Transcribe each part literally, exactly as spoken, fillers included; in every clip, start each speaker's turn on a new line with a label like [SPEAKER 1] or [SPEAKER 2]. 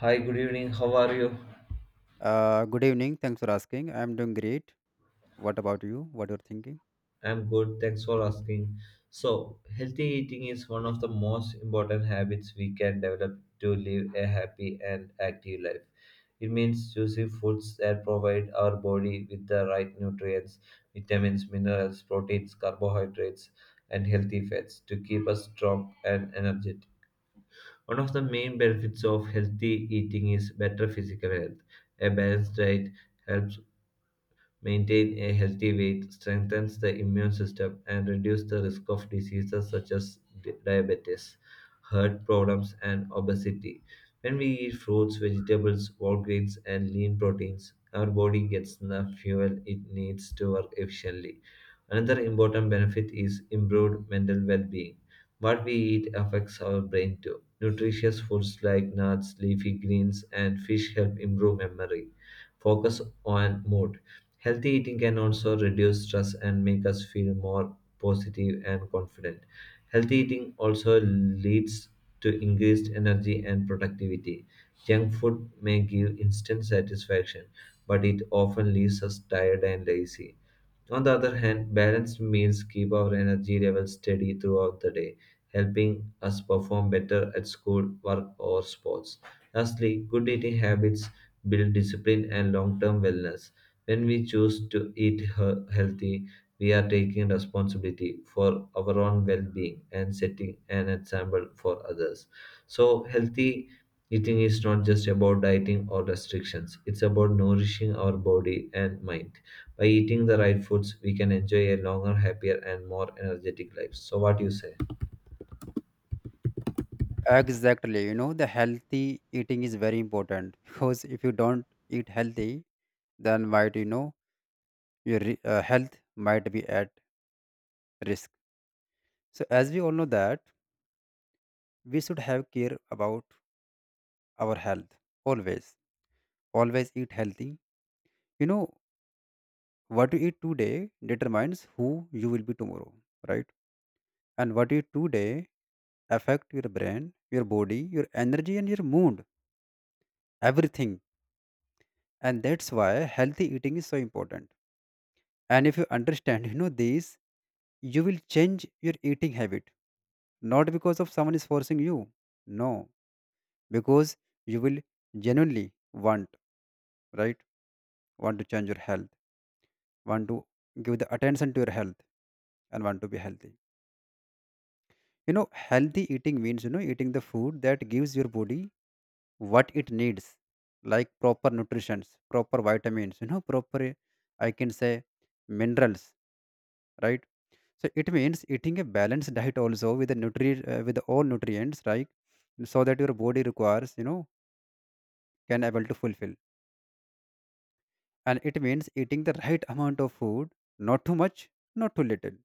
[SPEAKER 1] Hi, good evening. How are you?
[SPEAKER 2] Uh, good evening. Thanks for asking. I'm doing great. What about you? What you're thinking?
[SPEAKER 1] I'm good. Thanks for asking. So, healthy eating is one of the most important habits we can develop to live a happy and active life. It means choosing foods that provide our body with the right nutrients, vitamins, minerals, proteins, carbohydrates, and healthy fats to keep us strong and energetic. One of the main benefits of healthy eating is better physical health. A balanced diet helps maintain a healthy weight, strengthens the immune system, and reduce the risk of diseases such as di- diabetes, heart problems, and obesity. When we eat fruits, vegetables, whole grains, and lean proteins, our body gets the fuel it needs to work efficiently. Another important benefit is improved mental well being. What we eat affects our brain too. Nutritious foods like nuts, leafy greens, and fish help improve memory, focus, on mood. Healthy eating can also reduce stress and make us feel more positive and confident. Healthy eating also leads to increased energy and productivity. Junk food may give instant satisfaction, but it often leaves us tired and lazy. On the other hand, balanced meals keep our energy levels steady throughout the day, helping us perform better at school, work, or sports. Lastly, good eating habits build discipline and long term wellness. When we choose to eat he- healthy, we are taking responsibility for our own well being and setting an example for others. So, healthy eating is not just about dieting or restrictions, it's about nourishing our body and mind. By eating the right foods, we can enjoy a longer, happier, and more energetic life. So, what you say?
[SPEAKER 2] Exactly. You know, the healthy eating is very important because if you don't eat healthy, then might you know your re- uh, health might be at risk. So as we all know that we should have care about our health always. Always eat healthy. You know what you eat today determines who you will be tomorrow, right? And what you do today affect your brain, your body, your energy, and your mood, everything, and that's why healthy eating is so important. And if you understand you know this, you will change your eating habit, not because of someone is forcing you, no, because you will genuinely want, right, want to change your health, want to give the attention to your health, and want to be healthy. You know healthy eating means you know eating the food that gives your body what it needs, like proper nutrition, proper vitamins, you know proper uh, I can say minerals, right? So it means eating a balanced diet also with the nutri uh, with all nutrients, right? So that your body requires, you know, can able to fulfill. And it means eating the right amount of food, not too much, not too little,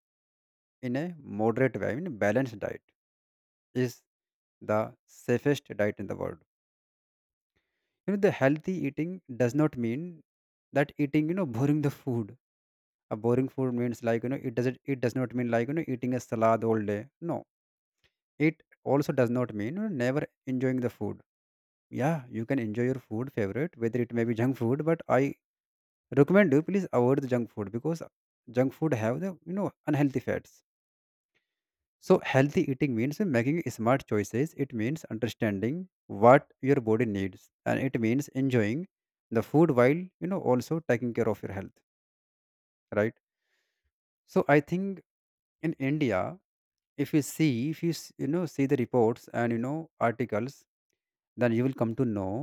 [SPEAKER 2] in a moderate way. In a balanced diet is the safest diet in the world. You know the healthy eating does not mean that eating, you know, boring the food. A boring food means like you know it doesn't it does not mean like you know eating a salad all day. No, it also does not mean you know, never enjoying the food. Yeah, you can enjoy your food favorite whether it may be junk food, but I recommend you please avoid the junk food, because junk food have the you know unhealthy fats. So healthy eating means making smart choices. It means understanding what your body needs, and it means enjoying the food while you know also taking care of your health, right? So I think in India, if you see, if you s- you know see the reports and you know articles, then you will come to know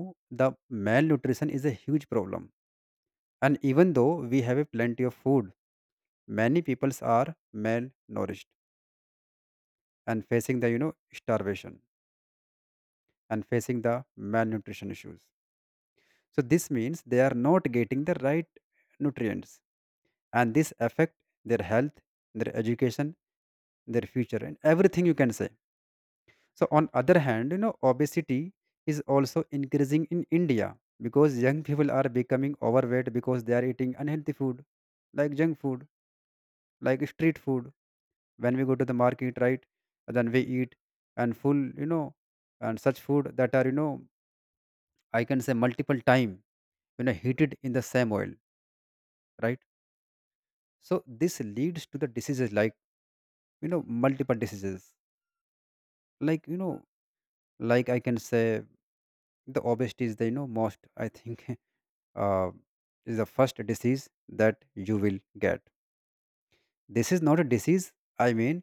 [SPEAKER 2] the malnutrition is a huge problem. And even though we have a plenty of food, many peoples are malnourished and facing the you know starvation and facing the malnutrition issues. So this means they are not getting the right nutrients, and this affect their health, their education, their future, and everything you can say. So, on other hand, you know, obesity is also increasing in India, because young people are becoming overweight because they are eating unhealthy food, like junk food, like street food. When we go to the market, right, then we eat and full, you know, and such food that are, you know, I can say multiple time, you know, heated in the same oil, right? So this leads to the diseases, like, you know, multiple diseases, like you know, like I can say the obesity is the you know most I think uh, is the first disease that you will get. This is not a disease, I mean,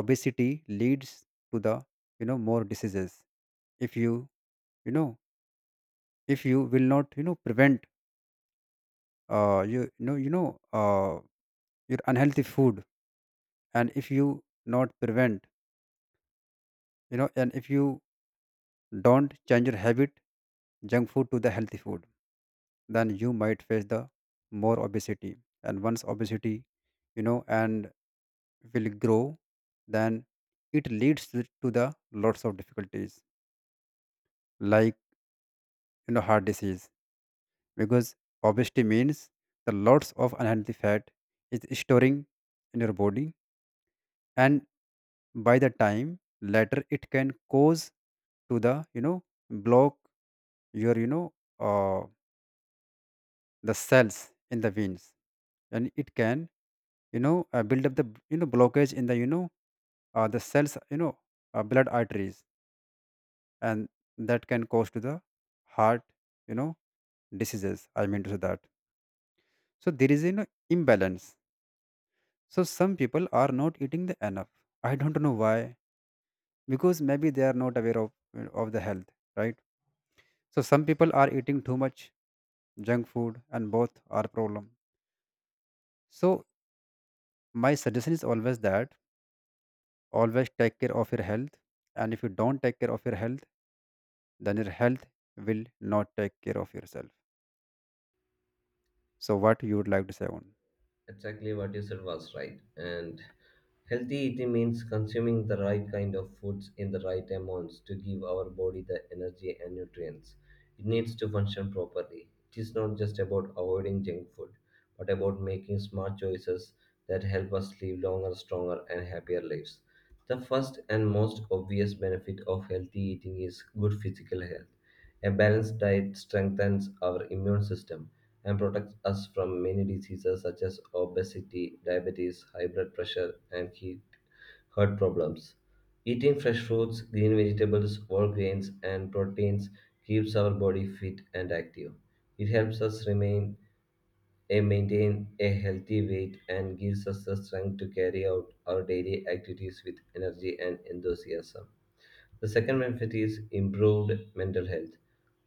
[SPEAKER 2] obesity leads to the you know more diseases. If you, you know, if you will not you know prevent uh, you, you know you know uh, your unhealthy food, and if you not prevent, you know, and if you don't change your habit, junk food to the healthy food, then you might face the more obesity. And once obesity, you know, and will grow, then it leads to to the lots of difficulties, like, you know, heart disease. Because obesity means the lots of unhealthy fat is storing in your body, and by the time later it can cause to the you know block your you know uh, the cells in the veins. And it can you know uh, build up the you know blockage in the you know uh, the cells, you know, uh, blood arteries, and that can cause to the heart, you know, diseases, I mean to say that. So there is an imbalance. So some people are not eating the enough, I don't know why, because maybe they are not aware of of the health, right? So some people are eating too much junk food, and both are problem. So my suggestion is always that always take care of your health, and if you don't take care of your health, then your health will not take care of yourself. So what you would like to say on.
[SPEAKER 1] Exactly what you said was right. And healthy eating means consuming the right kind of foods in the right amounts to give our body the energy and nutrients it needs to function properly. It is not just about avoiding junk food, but about making smart choices that help us live longer, stronger, and happier lives. The first and most obvious benefit of healthy eating is good physical health. A balanced diet strengthens our immune system and protects us from many diseases such as obesity, diabetes, high blood pressure, and heat, heart problems. Eating fresh fruits, green vegetables, whole grains, and proteins keeps our body fit and active. It helps us remain and maintain a healthy weight and gives us the strength to carry out our daily activities with energy and enthusiasm. The second benefit is improved mental health.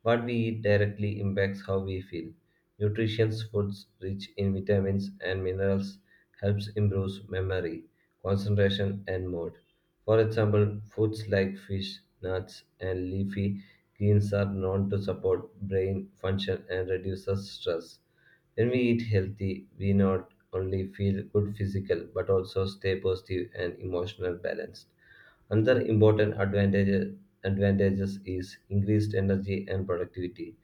[SPEAKER 1] What we eat directly impacts how we feel. Nutritious foods rich in vitamins and minerals helps improve memory, concentration and mood. For example, foods like fish, nuts and leafy greens are known to support brain function and reduces stress. When we eat healthy, we not only feel good physical but also stay positive and emotional balanced. Another important advantage advantages is increased energy and productivity.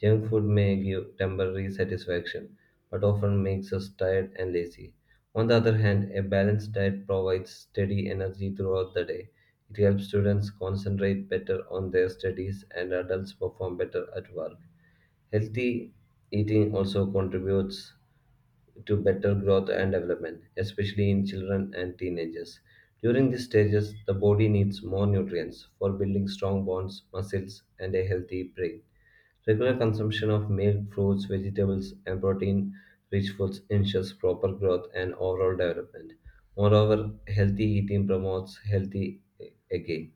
[SPEAKER 1] Junk food may give temporary satisfaction, but often makes us tired and lazy. On the other hand, a balanced diet provides steady energy throughout the day. It helps students concentrate better on their studies and adults perform better at work. Healthy eating also contributes to better growth and development, especially in children and teenagers. During these stages, the body needs more nutrients for building strong bones, muscles, and a healthy brain. Regular consumption of milk, fruits, vegetables, and protein rich foods ensures proper growth and overall development. Moreover, healthy eating promotes healthy aging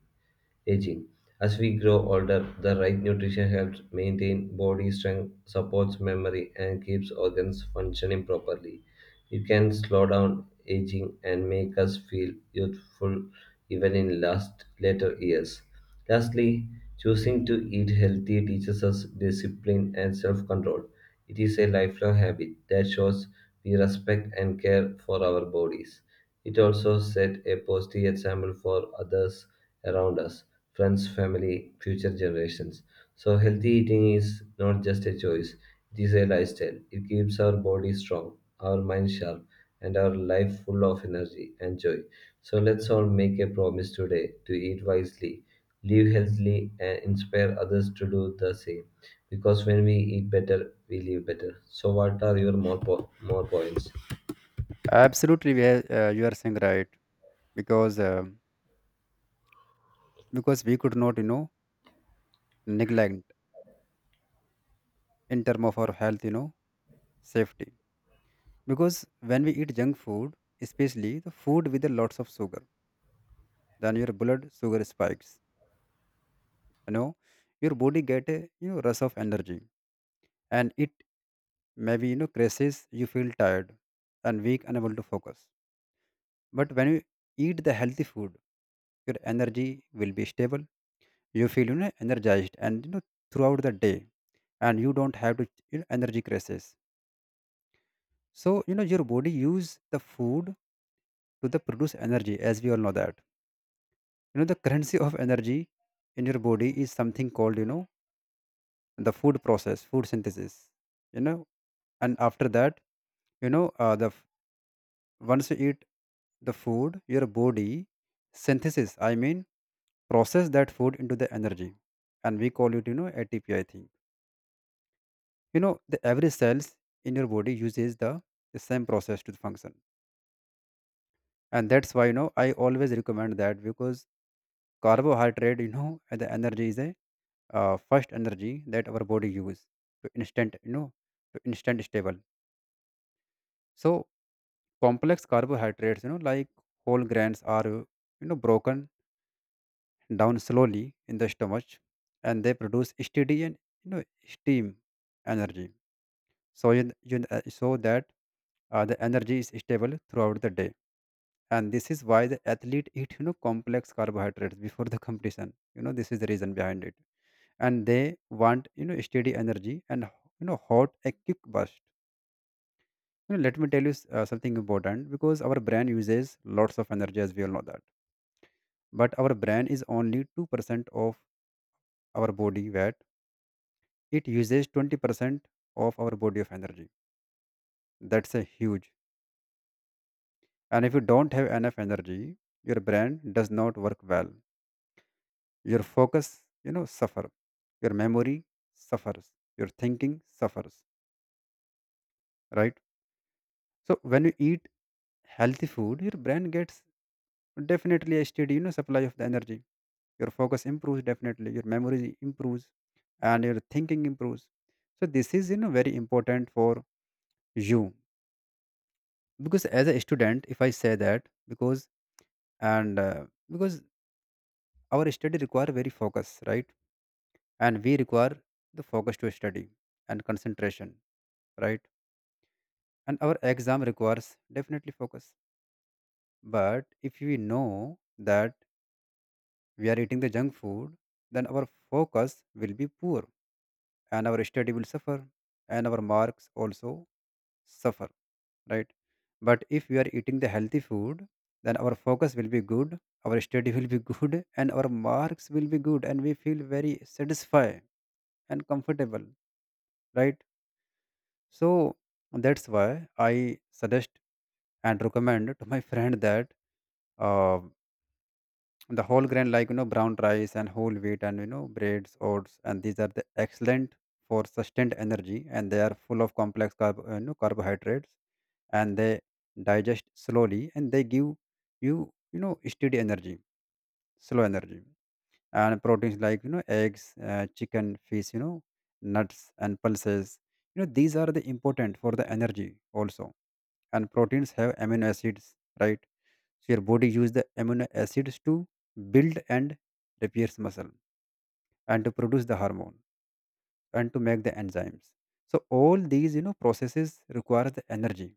[SPEAKER 1] aging. As we grow older, the right nutrition helps maintain body strength, supports memory, and keeps organs functioning properly. It can slow down aging and make us feel youthful even in last later years. Lastly, choosing to eat healthy teaches us discipline and self-control. It is a lifelong habit that shows we respect and care for our bodies. It also set a positive example for others around us, friends, family, future generations. So, healthy eating is not just a choice, it is a lifestyle. It keeps our body strong, our mind sharp, and our life full of energy and joy. So, let's all make a promise today to eat wisely, live healthily, and inspire others to do the same. Because when we eat better, we live better. So, what are your more, po- more points?
[SPEAKER 2] Absolutely, we are- uh, you are saying right, because um because we could not you know neglect in term of our health, you know, safety. Because when we eat junk food, especially the food with a lots of sugar, then your blood sugar spikes, you know, your body get a you know rush of energy, and it maybe you know crashes, you feel tired and weak, unable to focus. But when you eat the healthy food, your energy will be stable, you feel you know energized and you know throughout the day, and you don't have to you know, energy crisis. So you know your body use the food to the produce energy, as we all know that, you know, the currency of energy in your body is something called you know the food process, food synthesis, you know. And after that, you know, uh, the f- once you eat the food, your body synthesis, I mean, process that food into the energy, and we call it you know ATPI I think. You know the every cells in your body uses the, the same process to function. And that's why you know I always recommend that because carbohydrate you know and the energy is a uh, first energy that our body use to instant you know to instant stable. So complex carbohydrates you know like whole grains are you know broken down slowly in the stomach, and they produce steady and you know steam energy. So you, you uh, so that uh, the energy is stable throughout the day. And this is why the athlete eat you know complex carbohydrates before the competition, you know, this is the reason behind it. And they want you know steady energy and you know hot a quick burst. You know, let me tell you s- uh, something important, because our brain uses lots of energy as we all know that, but our brain is only two percent of our body weight. It uses twenty percent of our body of energy. That's a huge. And if you don't have enough energy, your brain does not work well, your focus you know suffer, your memory suffers, your thinking suffers, right? So when you eat healthy food, your brain gets definitely a steady you know supply of the energy, your focus improves, definitely your memory improves, and your thinking improves. So this is you know very important for you. Because as a student if I say that, because and uh, because our study require very focus, right? And we require the focus to study and concentration, right? And our exam requires definitely focus. But if we know that we are eating the junk food, then our focus will be poor and our study will suffer and our marks also suffer, right? But if we are eating the healthy food, then our focus will be good, our study will be good, and our marks will be good, and we feel very satisfied and comfortable, right? So that's why I suggest and recommend to my friend that uh, the whole grain like you know brown rice and whole wheat and you know breads oats and these are the excellent for sustained energy, and they are full of complex carb, uh, you know, carbohydrates, and they digest slowly and they give you you know steady energy, slow energy. And proteins like you know eggs, uh, chicken, fish, you know nuts and pulses, you know these are the important for the energy also. And proteins have amino acids, right? So your body use the amino acids to build and repairs muscle, and to produce the hormone, and to make the enzymes. So all these you know processes requires the energy.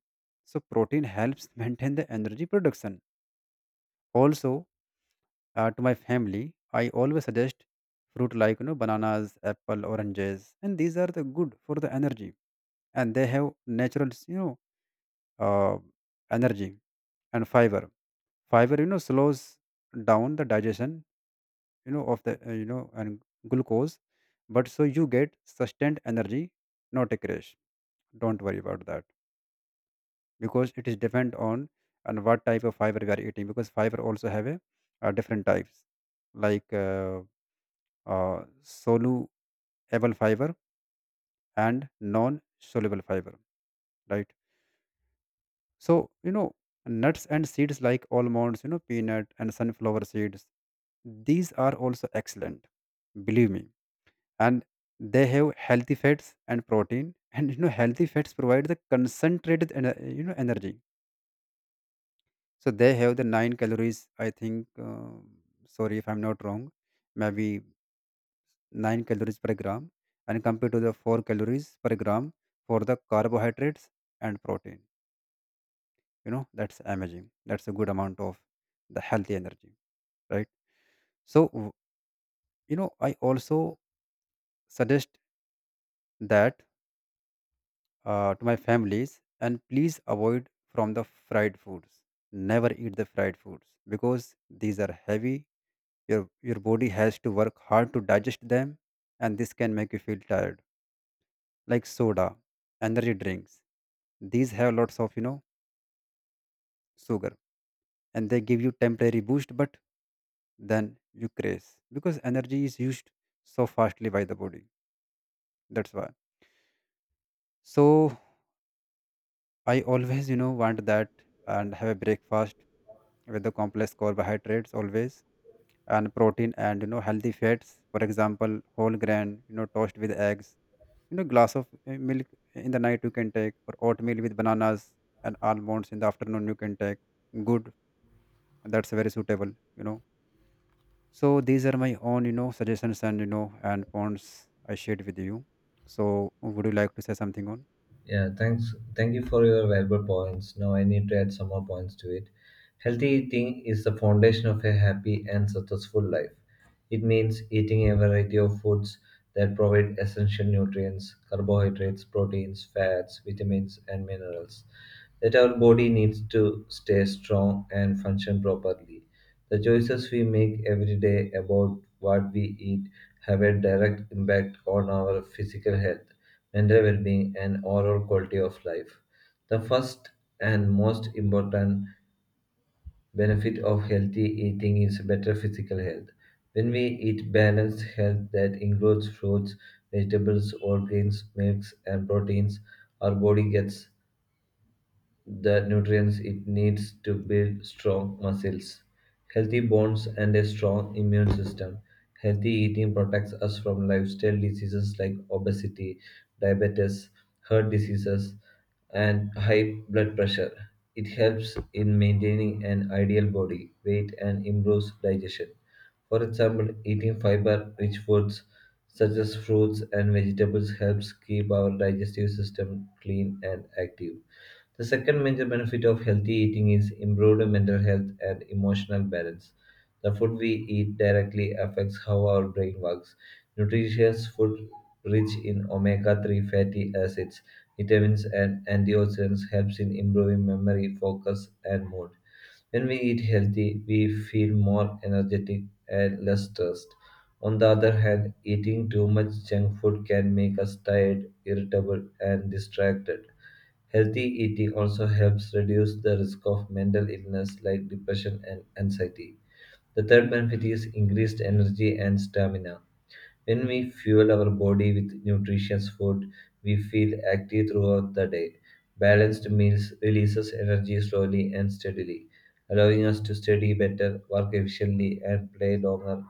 [SPEAKER 2] So protein helps maintain the energy production also. Uh, to my family I always suggest fruit like you know bananas, apple, oranges, and these are the good for the energy. And they have natural, you know uh, energy and fiber. Fiber you know slows down the digestion, you know of the uh, you know and glucose, but so you get sustained energy, not a crash. Don't worry about that, because it is depend on on what type of fiber we are eating, because fiber also have a, uh, different types, like uh, uh, soluble fiber and non soluble fiber, right? So, you know nuts and seeds like almonds, you know peanut and sunflower seeds, these are also excellent, believe me. And they have healthy fats and protein, and you know healthy fats provide the concentrated ener- you know energy. So they have the nine calories, I think, uh, sorry if I'm not wrong, maybe nine calories per gram, and compared to the four calories per gram for the carbohydrates and protein, you know that's amazing. That's a good amount of the healthy energy, right? so w- you know, I also suggest that, uh, to my families, and please avoid from the fried foods. Never eat the fried foods, because these are heavy, your your body has to work hard to digest them, and this can make you feel tired. Like soda, energy drinks, these have lots of you know sugar, and they give you temporary boost, but then you crash, because energy is used so fastly by the body. That's why. So I always, you know, want that and have a breakfast with the complex carbohydrates always, and protein and you know healthy fats. For example, whole grain, you know, toast with eggs, you know, glass of uh, milk in the night you can take, or oatmeal with bananas and almonds in the afternoon you can take. Good, that's very suitable, you know. So these are my own, you know, suggestions and you know and points I shared with you. So would you like to say something on?
[SPEAKER 1] Yeah, thanks. Thank you for your valuable points. Now I need to add some more points to it. Healthy eating is the foundation of a happy and successful life. It means eating a variety of foods that provide essential nutrients, carbohydrates, proteins, fats, vitamins, and minerals that our body needs to stay strong and function properly. The choices we make every day about what we eat have a direct impact on our physical health, mental well being, and overall quality of life. The first and most important benefit of healthy eating is better physical health. When we eat balanced health that includes fruits, vegetables, whole grains, milks, and proteins, our body gets the nutrients it needs to build strong muscles, healthy bones, and a strong immune system. Healthy eating protects us from lifestyle diseases like obesity, diabetes, heart diseases, and high blood pressure. It helps in maintaining an ideal body weight and improves digestion. For example, eating fiber rich foods such as fruits and vegetables helps keep our digestive system clean and active. The second major benefit of healthy eating is improved mental health and emotional balance. The food we eat directly affects how our brain works. Nutritious food rich in omega three fatty acids, vitamins, and antioxidants helps in improving memory, focus, and mood. When we eat healthy, we feel more energetic and less stressed. On the other hand, eating too much junk food can make us tired, irritable, and distracted. Healthy eating also helps reduce the risk of mental illness like depression and anxiety. The third benefit is increased energy and stamina. When we fuel our body with nutritious food, we feel active throughout the day. Balanced meals releases energy slowly and steadily, allowing us to study better, work efficiently, and play longer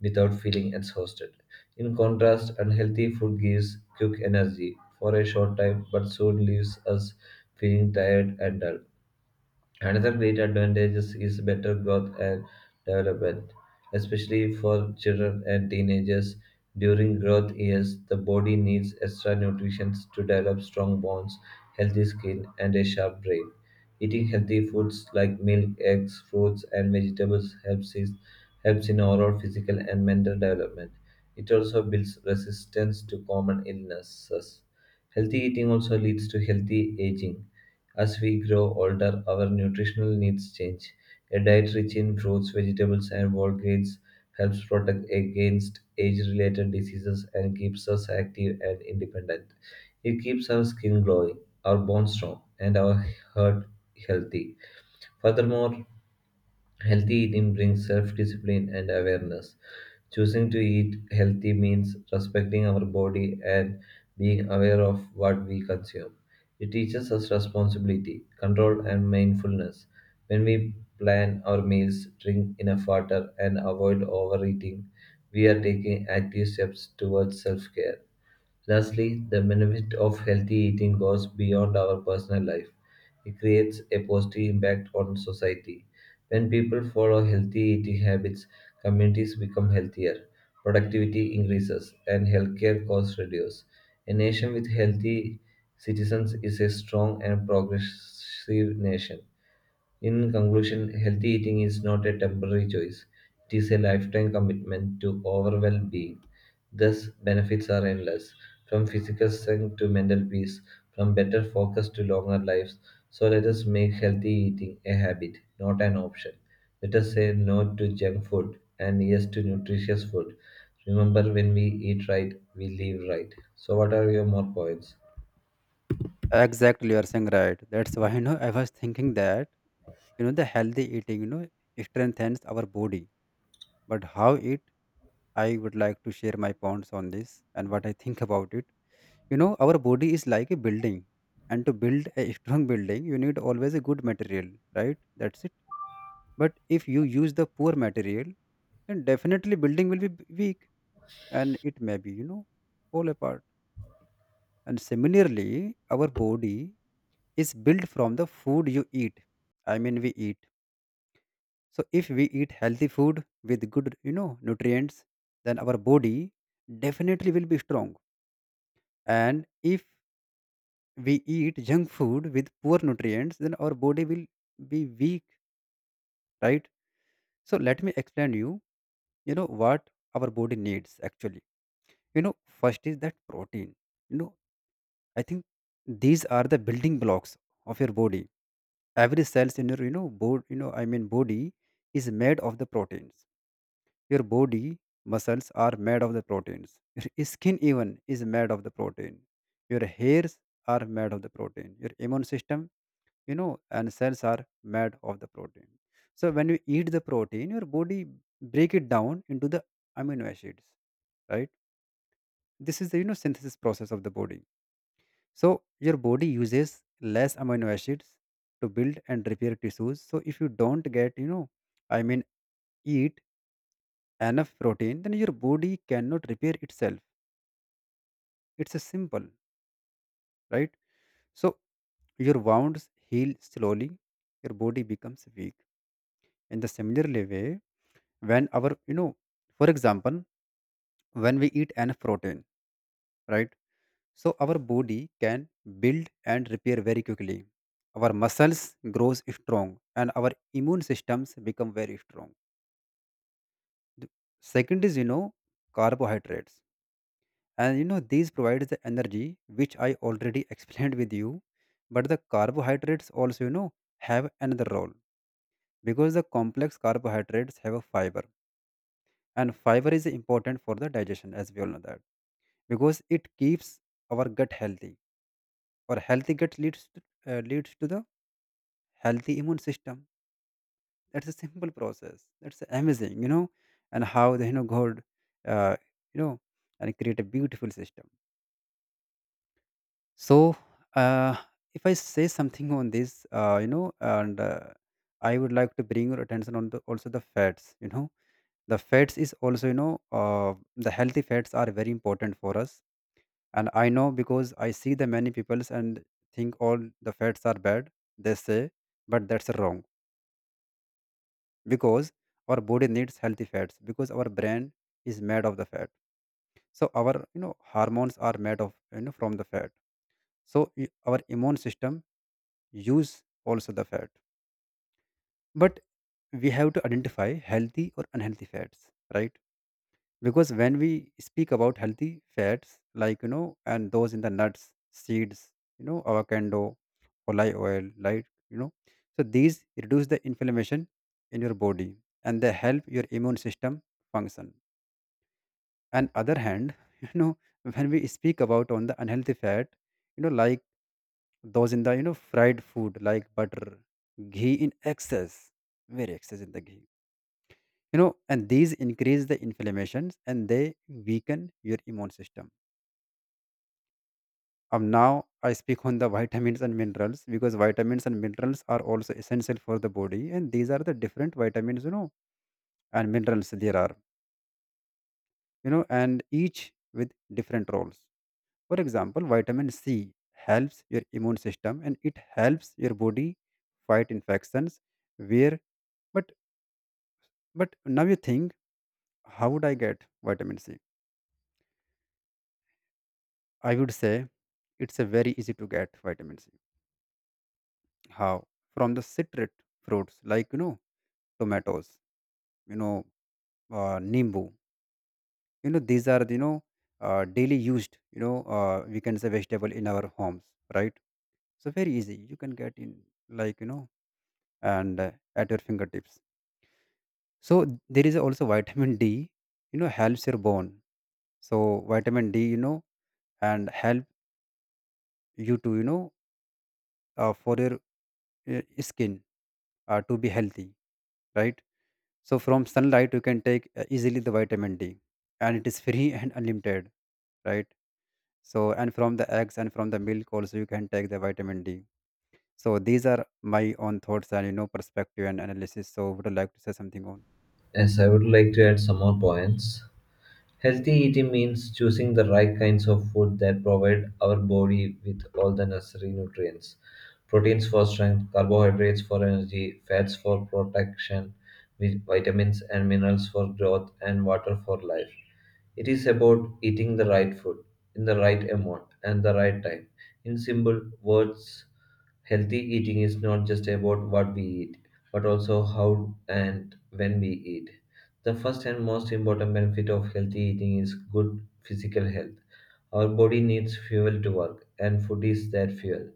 [SPEAKER 1] without feeling exhausted. In contrast, unhealthy food gives quick energy for a short time but soon leaves us feeling tired and dull. Another great advantage is is better growth and development, especially for children and teenagers. During growth years, the body needs extra nutrition to develop strong bones, healthy skin, and a sharp brain. Eating healthy foods like milk, eggs, fruits, and vegetables helps, is, helps in overall physical and mental development. It also builds resistance to common illnesses. Healthy eating also leads to healthy aging as we grow older, our nutritional needs change. A diet rich in fruits, vegetables, and whole grains helps protect against age related diseases and keeps us active and independent. It keeps our skin glowing, our bones strong, and our heart healthy. Furthermore, healthy eating brings self discipline and awareness. Choosing to eat healthy means respecting our body and being aware of what we consume. It teaches us responsibility, control, and mindfulness. When we plan our meals, drink enough water, and avoid overeating, we are taking active steps towards self care. Lastly, the benefit of healthy eating goes beyond our personal life. It creates a positive impact on society. When people follow healthy eating habits, communities become healthier, productivity increases, and healthcare costs reduce. A nation with healthy citizens is a strong and progressive nation. In conclusion, healthy eating is not a temporary choice, it is a lifetime commitment to overall being. Thus, benefits are endless from physical strength to mental peace, from better focus to longer lives. So, let us make healthy eating a habit, not an option. Let us say no to junk food and yes to nutritious food. Remember, when we eat right, we live right. So, what are your more points?
[SPEAKER 2] Exactly, you are saying right. That's why you know I was thinking that. You know, the healthy eating, you know, strengthens our body. But how it, I would like to share my points on this and what I think about it. You know, our body is like a building. And to build a strong building, you need always a good material, right? That's it. But if you use the poor material, then definitely building will be weak and it may be, you know, fall apart. And similarly, our body is built from the food you eat. I mean, we eat. So if we eat healthy food with good, you know, nutrients, then our body definitely will be strong. And if we eat junk food with poor nutrients, then our body will be weak, right? So let me explain you, you know, what our body needs actually. You know, first is that protein. You know, I think these are the building blocks of your body. Every cells in your you know bod you know i mean body is made of the proteins. Your body muscles are made of the proteins. Your skin even is made of the protein. Your hairs are made of the protein. Your immune system, you know, and cells are made of the protein. So when you eat the protein, your body break it down into the amino acids, right? This is the you know synthesis process of the body. So your body uses less amino acids to build and repair tissues. So if you don't get, you know, I mean, eat enough protein, then your body cannot repair itself. It's a simple, right? So your wounds heal slowly, your body becomes weak. In the similarly way, when our you know, for example, when we eat enough protein, right? So our body can build and repair very quickly. Our muscles grows strong and our immune systems become very strong. The second is you know carbohydrates, and you know these provides the energy which I already explained with you. But the carbohydrates also you know have another role, because the complex carbohydrates have a fiber, and fiber is important for the digestion as we all know that, because it keeps our gut healthy, or healthy gut leads to, uh, leads to the healthy immune system. That's a simple process, that's amazing you know. And how the you know god, uh, you know, and create a beautiful system. So, uh, if I say something on this, uh, you know, and uh, I would like to bring your attention on the, also the fats. You know, the fats is also you know uh, the healthy fats are very important for us. And I know because I see the many peoples and think all the fats are bad. They say, but that's wrong, because our body needs healthy fats, because our brain is made of the fat. So our you know hormones are made of you know from the fat. So y- our immune system use also the fat, but we have to identify healthy or unhealthy fats, right? Because when we speak about healthy fats like you know and those in the nuts, seeds, you know avocado, olive oil, like you know, so these reduce the inflammation in your body, and they help your immune system function. And other hand, you know, when we speak about on the unhealthy fat, you know, like those in the you know fried food like butter, ghee in excess, very excess in the ghee, you know, and these increase the inflammations and they weaken your immune system. Um, now I speak on the vitamins and minerals, because vitamins and minerals are also essential for the body, and these are the different vitamins you know and minerals there are, you know, and each with different roles. For example, vitamin C helps your immune system, and it helps your body fight infections. Where but But now you think, how would I get vitamin C? I would say it's a very easy to get vitamin C. How? From the citrate fruits like you know tomatoes, you know uh, nimbu. You know these are you know uh, daily used. You know uh, we can say vegetable in our homes, right? So very easy. You can get in like you know and uh, at your fingertips. So there is also vitamin D. You know helps your bone. So vitamin D you know and help you to you know, uh, for your, uh, skin, uh, to be healthy, right? So from sunlight you can take uh, easily the vitamin D, and it is free and unlimited, right? So and from the eggs and from the milk also you can take the vitamin D. So these are my own thoughts and you know perspective and analysis. So would you like to say something on?
[SPEAKER 1] Yes, I would like to add some more points. Healthy eating means choosing the right kinds of food that provide our body with all the necessary nutrients. Proteins for strength, carbohydrates for energy, fats for protection, vi- vitamins and minerals for growth, and water for life. It is about eating the right food in the right amount and the right time. In simple words, healthy eating is not just about what we eat, but also how and when we eat. The first and most important benefit of healthy eating is good physical health. Our body needs fuel to work, and food is that fuel.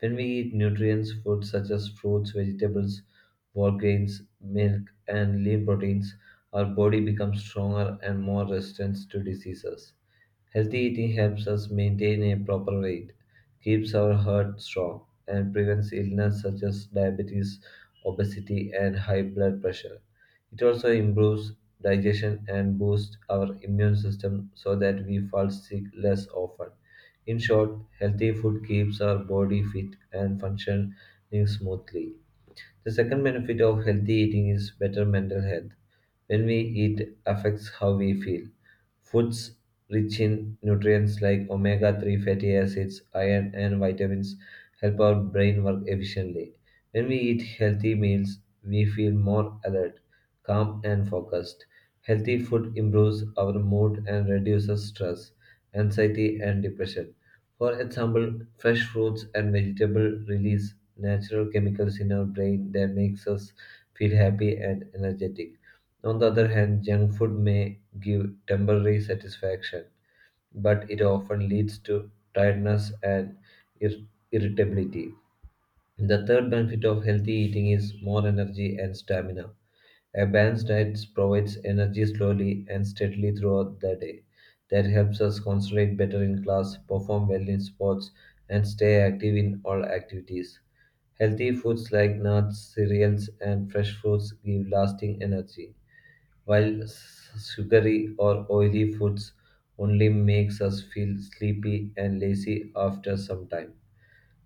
[SPEAKER 1] When we eat nutrients, foods such as fruits, vegetables, whole grains, milk, and lean proteins, our body becomes stronger and more resistant to diseases. Healthy eating helps us maintain a proper weight, keeps our heart strong, and prevents illness such as diabetes, obesity, and high blood pressure. It also improves digestion and boosts our immune system so that we fall sick less often. In short, healthy food keeps our body fit and functioning smoothly. The second benefit of healthy eating is better mental health. When we eat, affects how we feel. Foods rich in nutrients like omega three fatty acids, iron, and vitamins help our brain work efficiently. When we eat healthy meals, we feel more alert, calm, and focused. Healthy food improves our mood and reduces stress, anxiety, and depression. For example, fresh fruits and vegetables release natural chemicals in our brain that makes us feel happy and energetic. On the other hand, junk food may give temporary satisfaction, but it often leads to tiredness and ir- irritability. The third benefit of healthy eating is more energy and stamina. A balanced diet provides energy slowly and steadily throughout the day. That helps us concentrate better in class, perform well in sports, and stay active in all activities. Healthy foods like nuts, cereals, and fresh fruits give lasting energy, while s- sugary or oily foods only makes us feel sleepy and lazy after some time.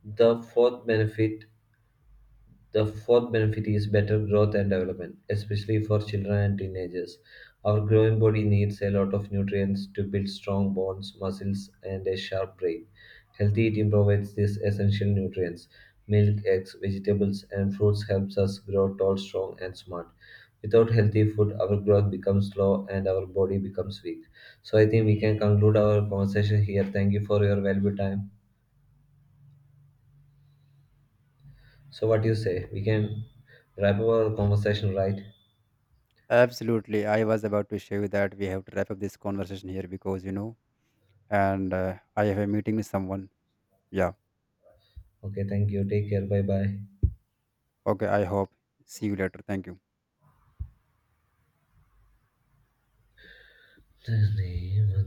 [SPEAKER 1] The fourth benefit the fourth benefit is better growth and development, especially for children and teenagers. Our growing body needs a lot of nutrients to build strong bones, muscles, and a sharp brain. Healthy eating provides these essential nutrients. Milk, eggs, vegetables, and fruits helps us grow tall, strong, and smart. Without healthy food, our growth becomes slow and our body becomes weak. So I think we can conclude our conversation here. Thank you for your valuable time. So what do you say? We can wrap up our conversation, right?
[SPEAKER 2] Absolutely, I was about to share you that we have to wrap up this conversation here because you know, and uh, I have a meeting with someone. Yeah.
[SPEAKER 1] Okay, thank you. Take care. Bye bye.
[SPEAKER 2] Okay. I hope. See you later. Thank you.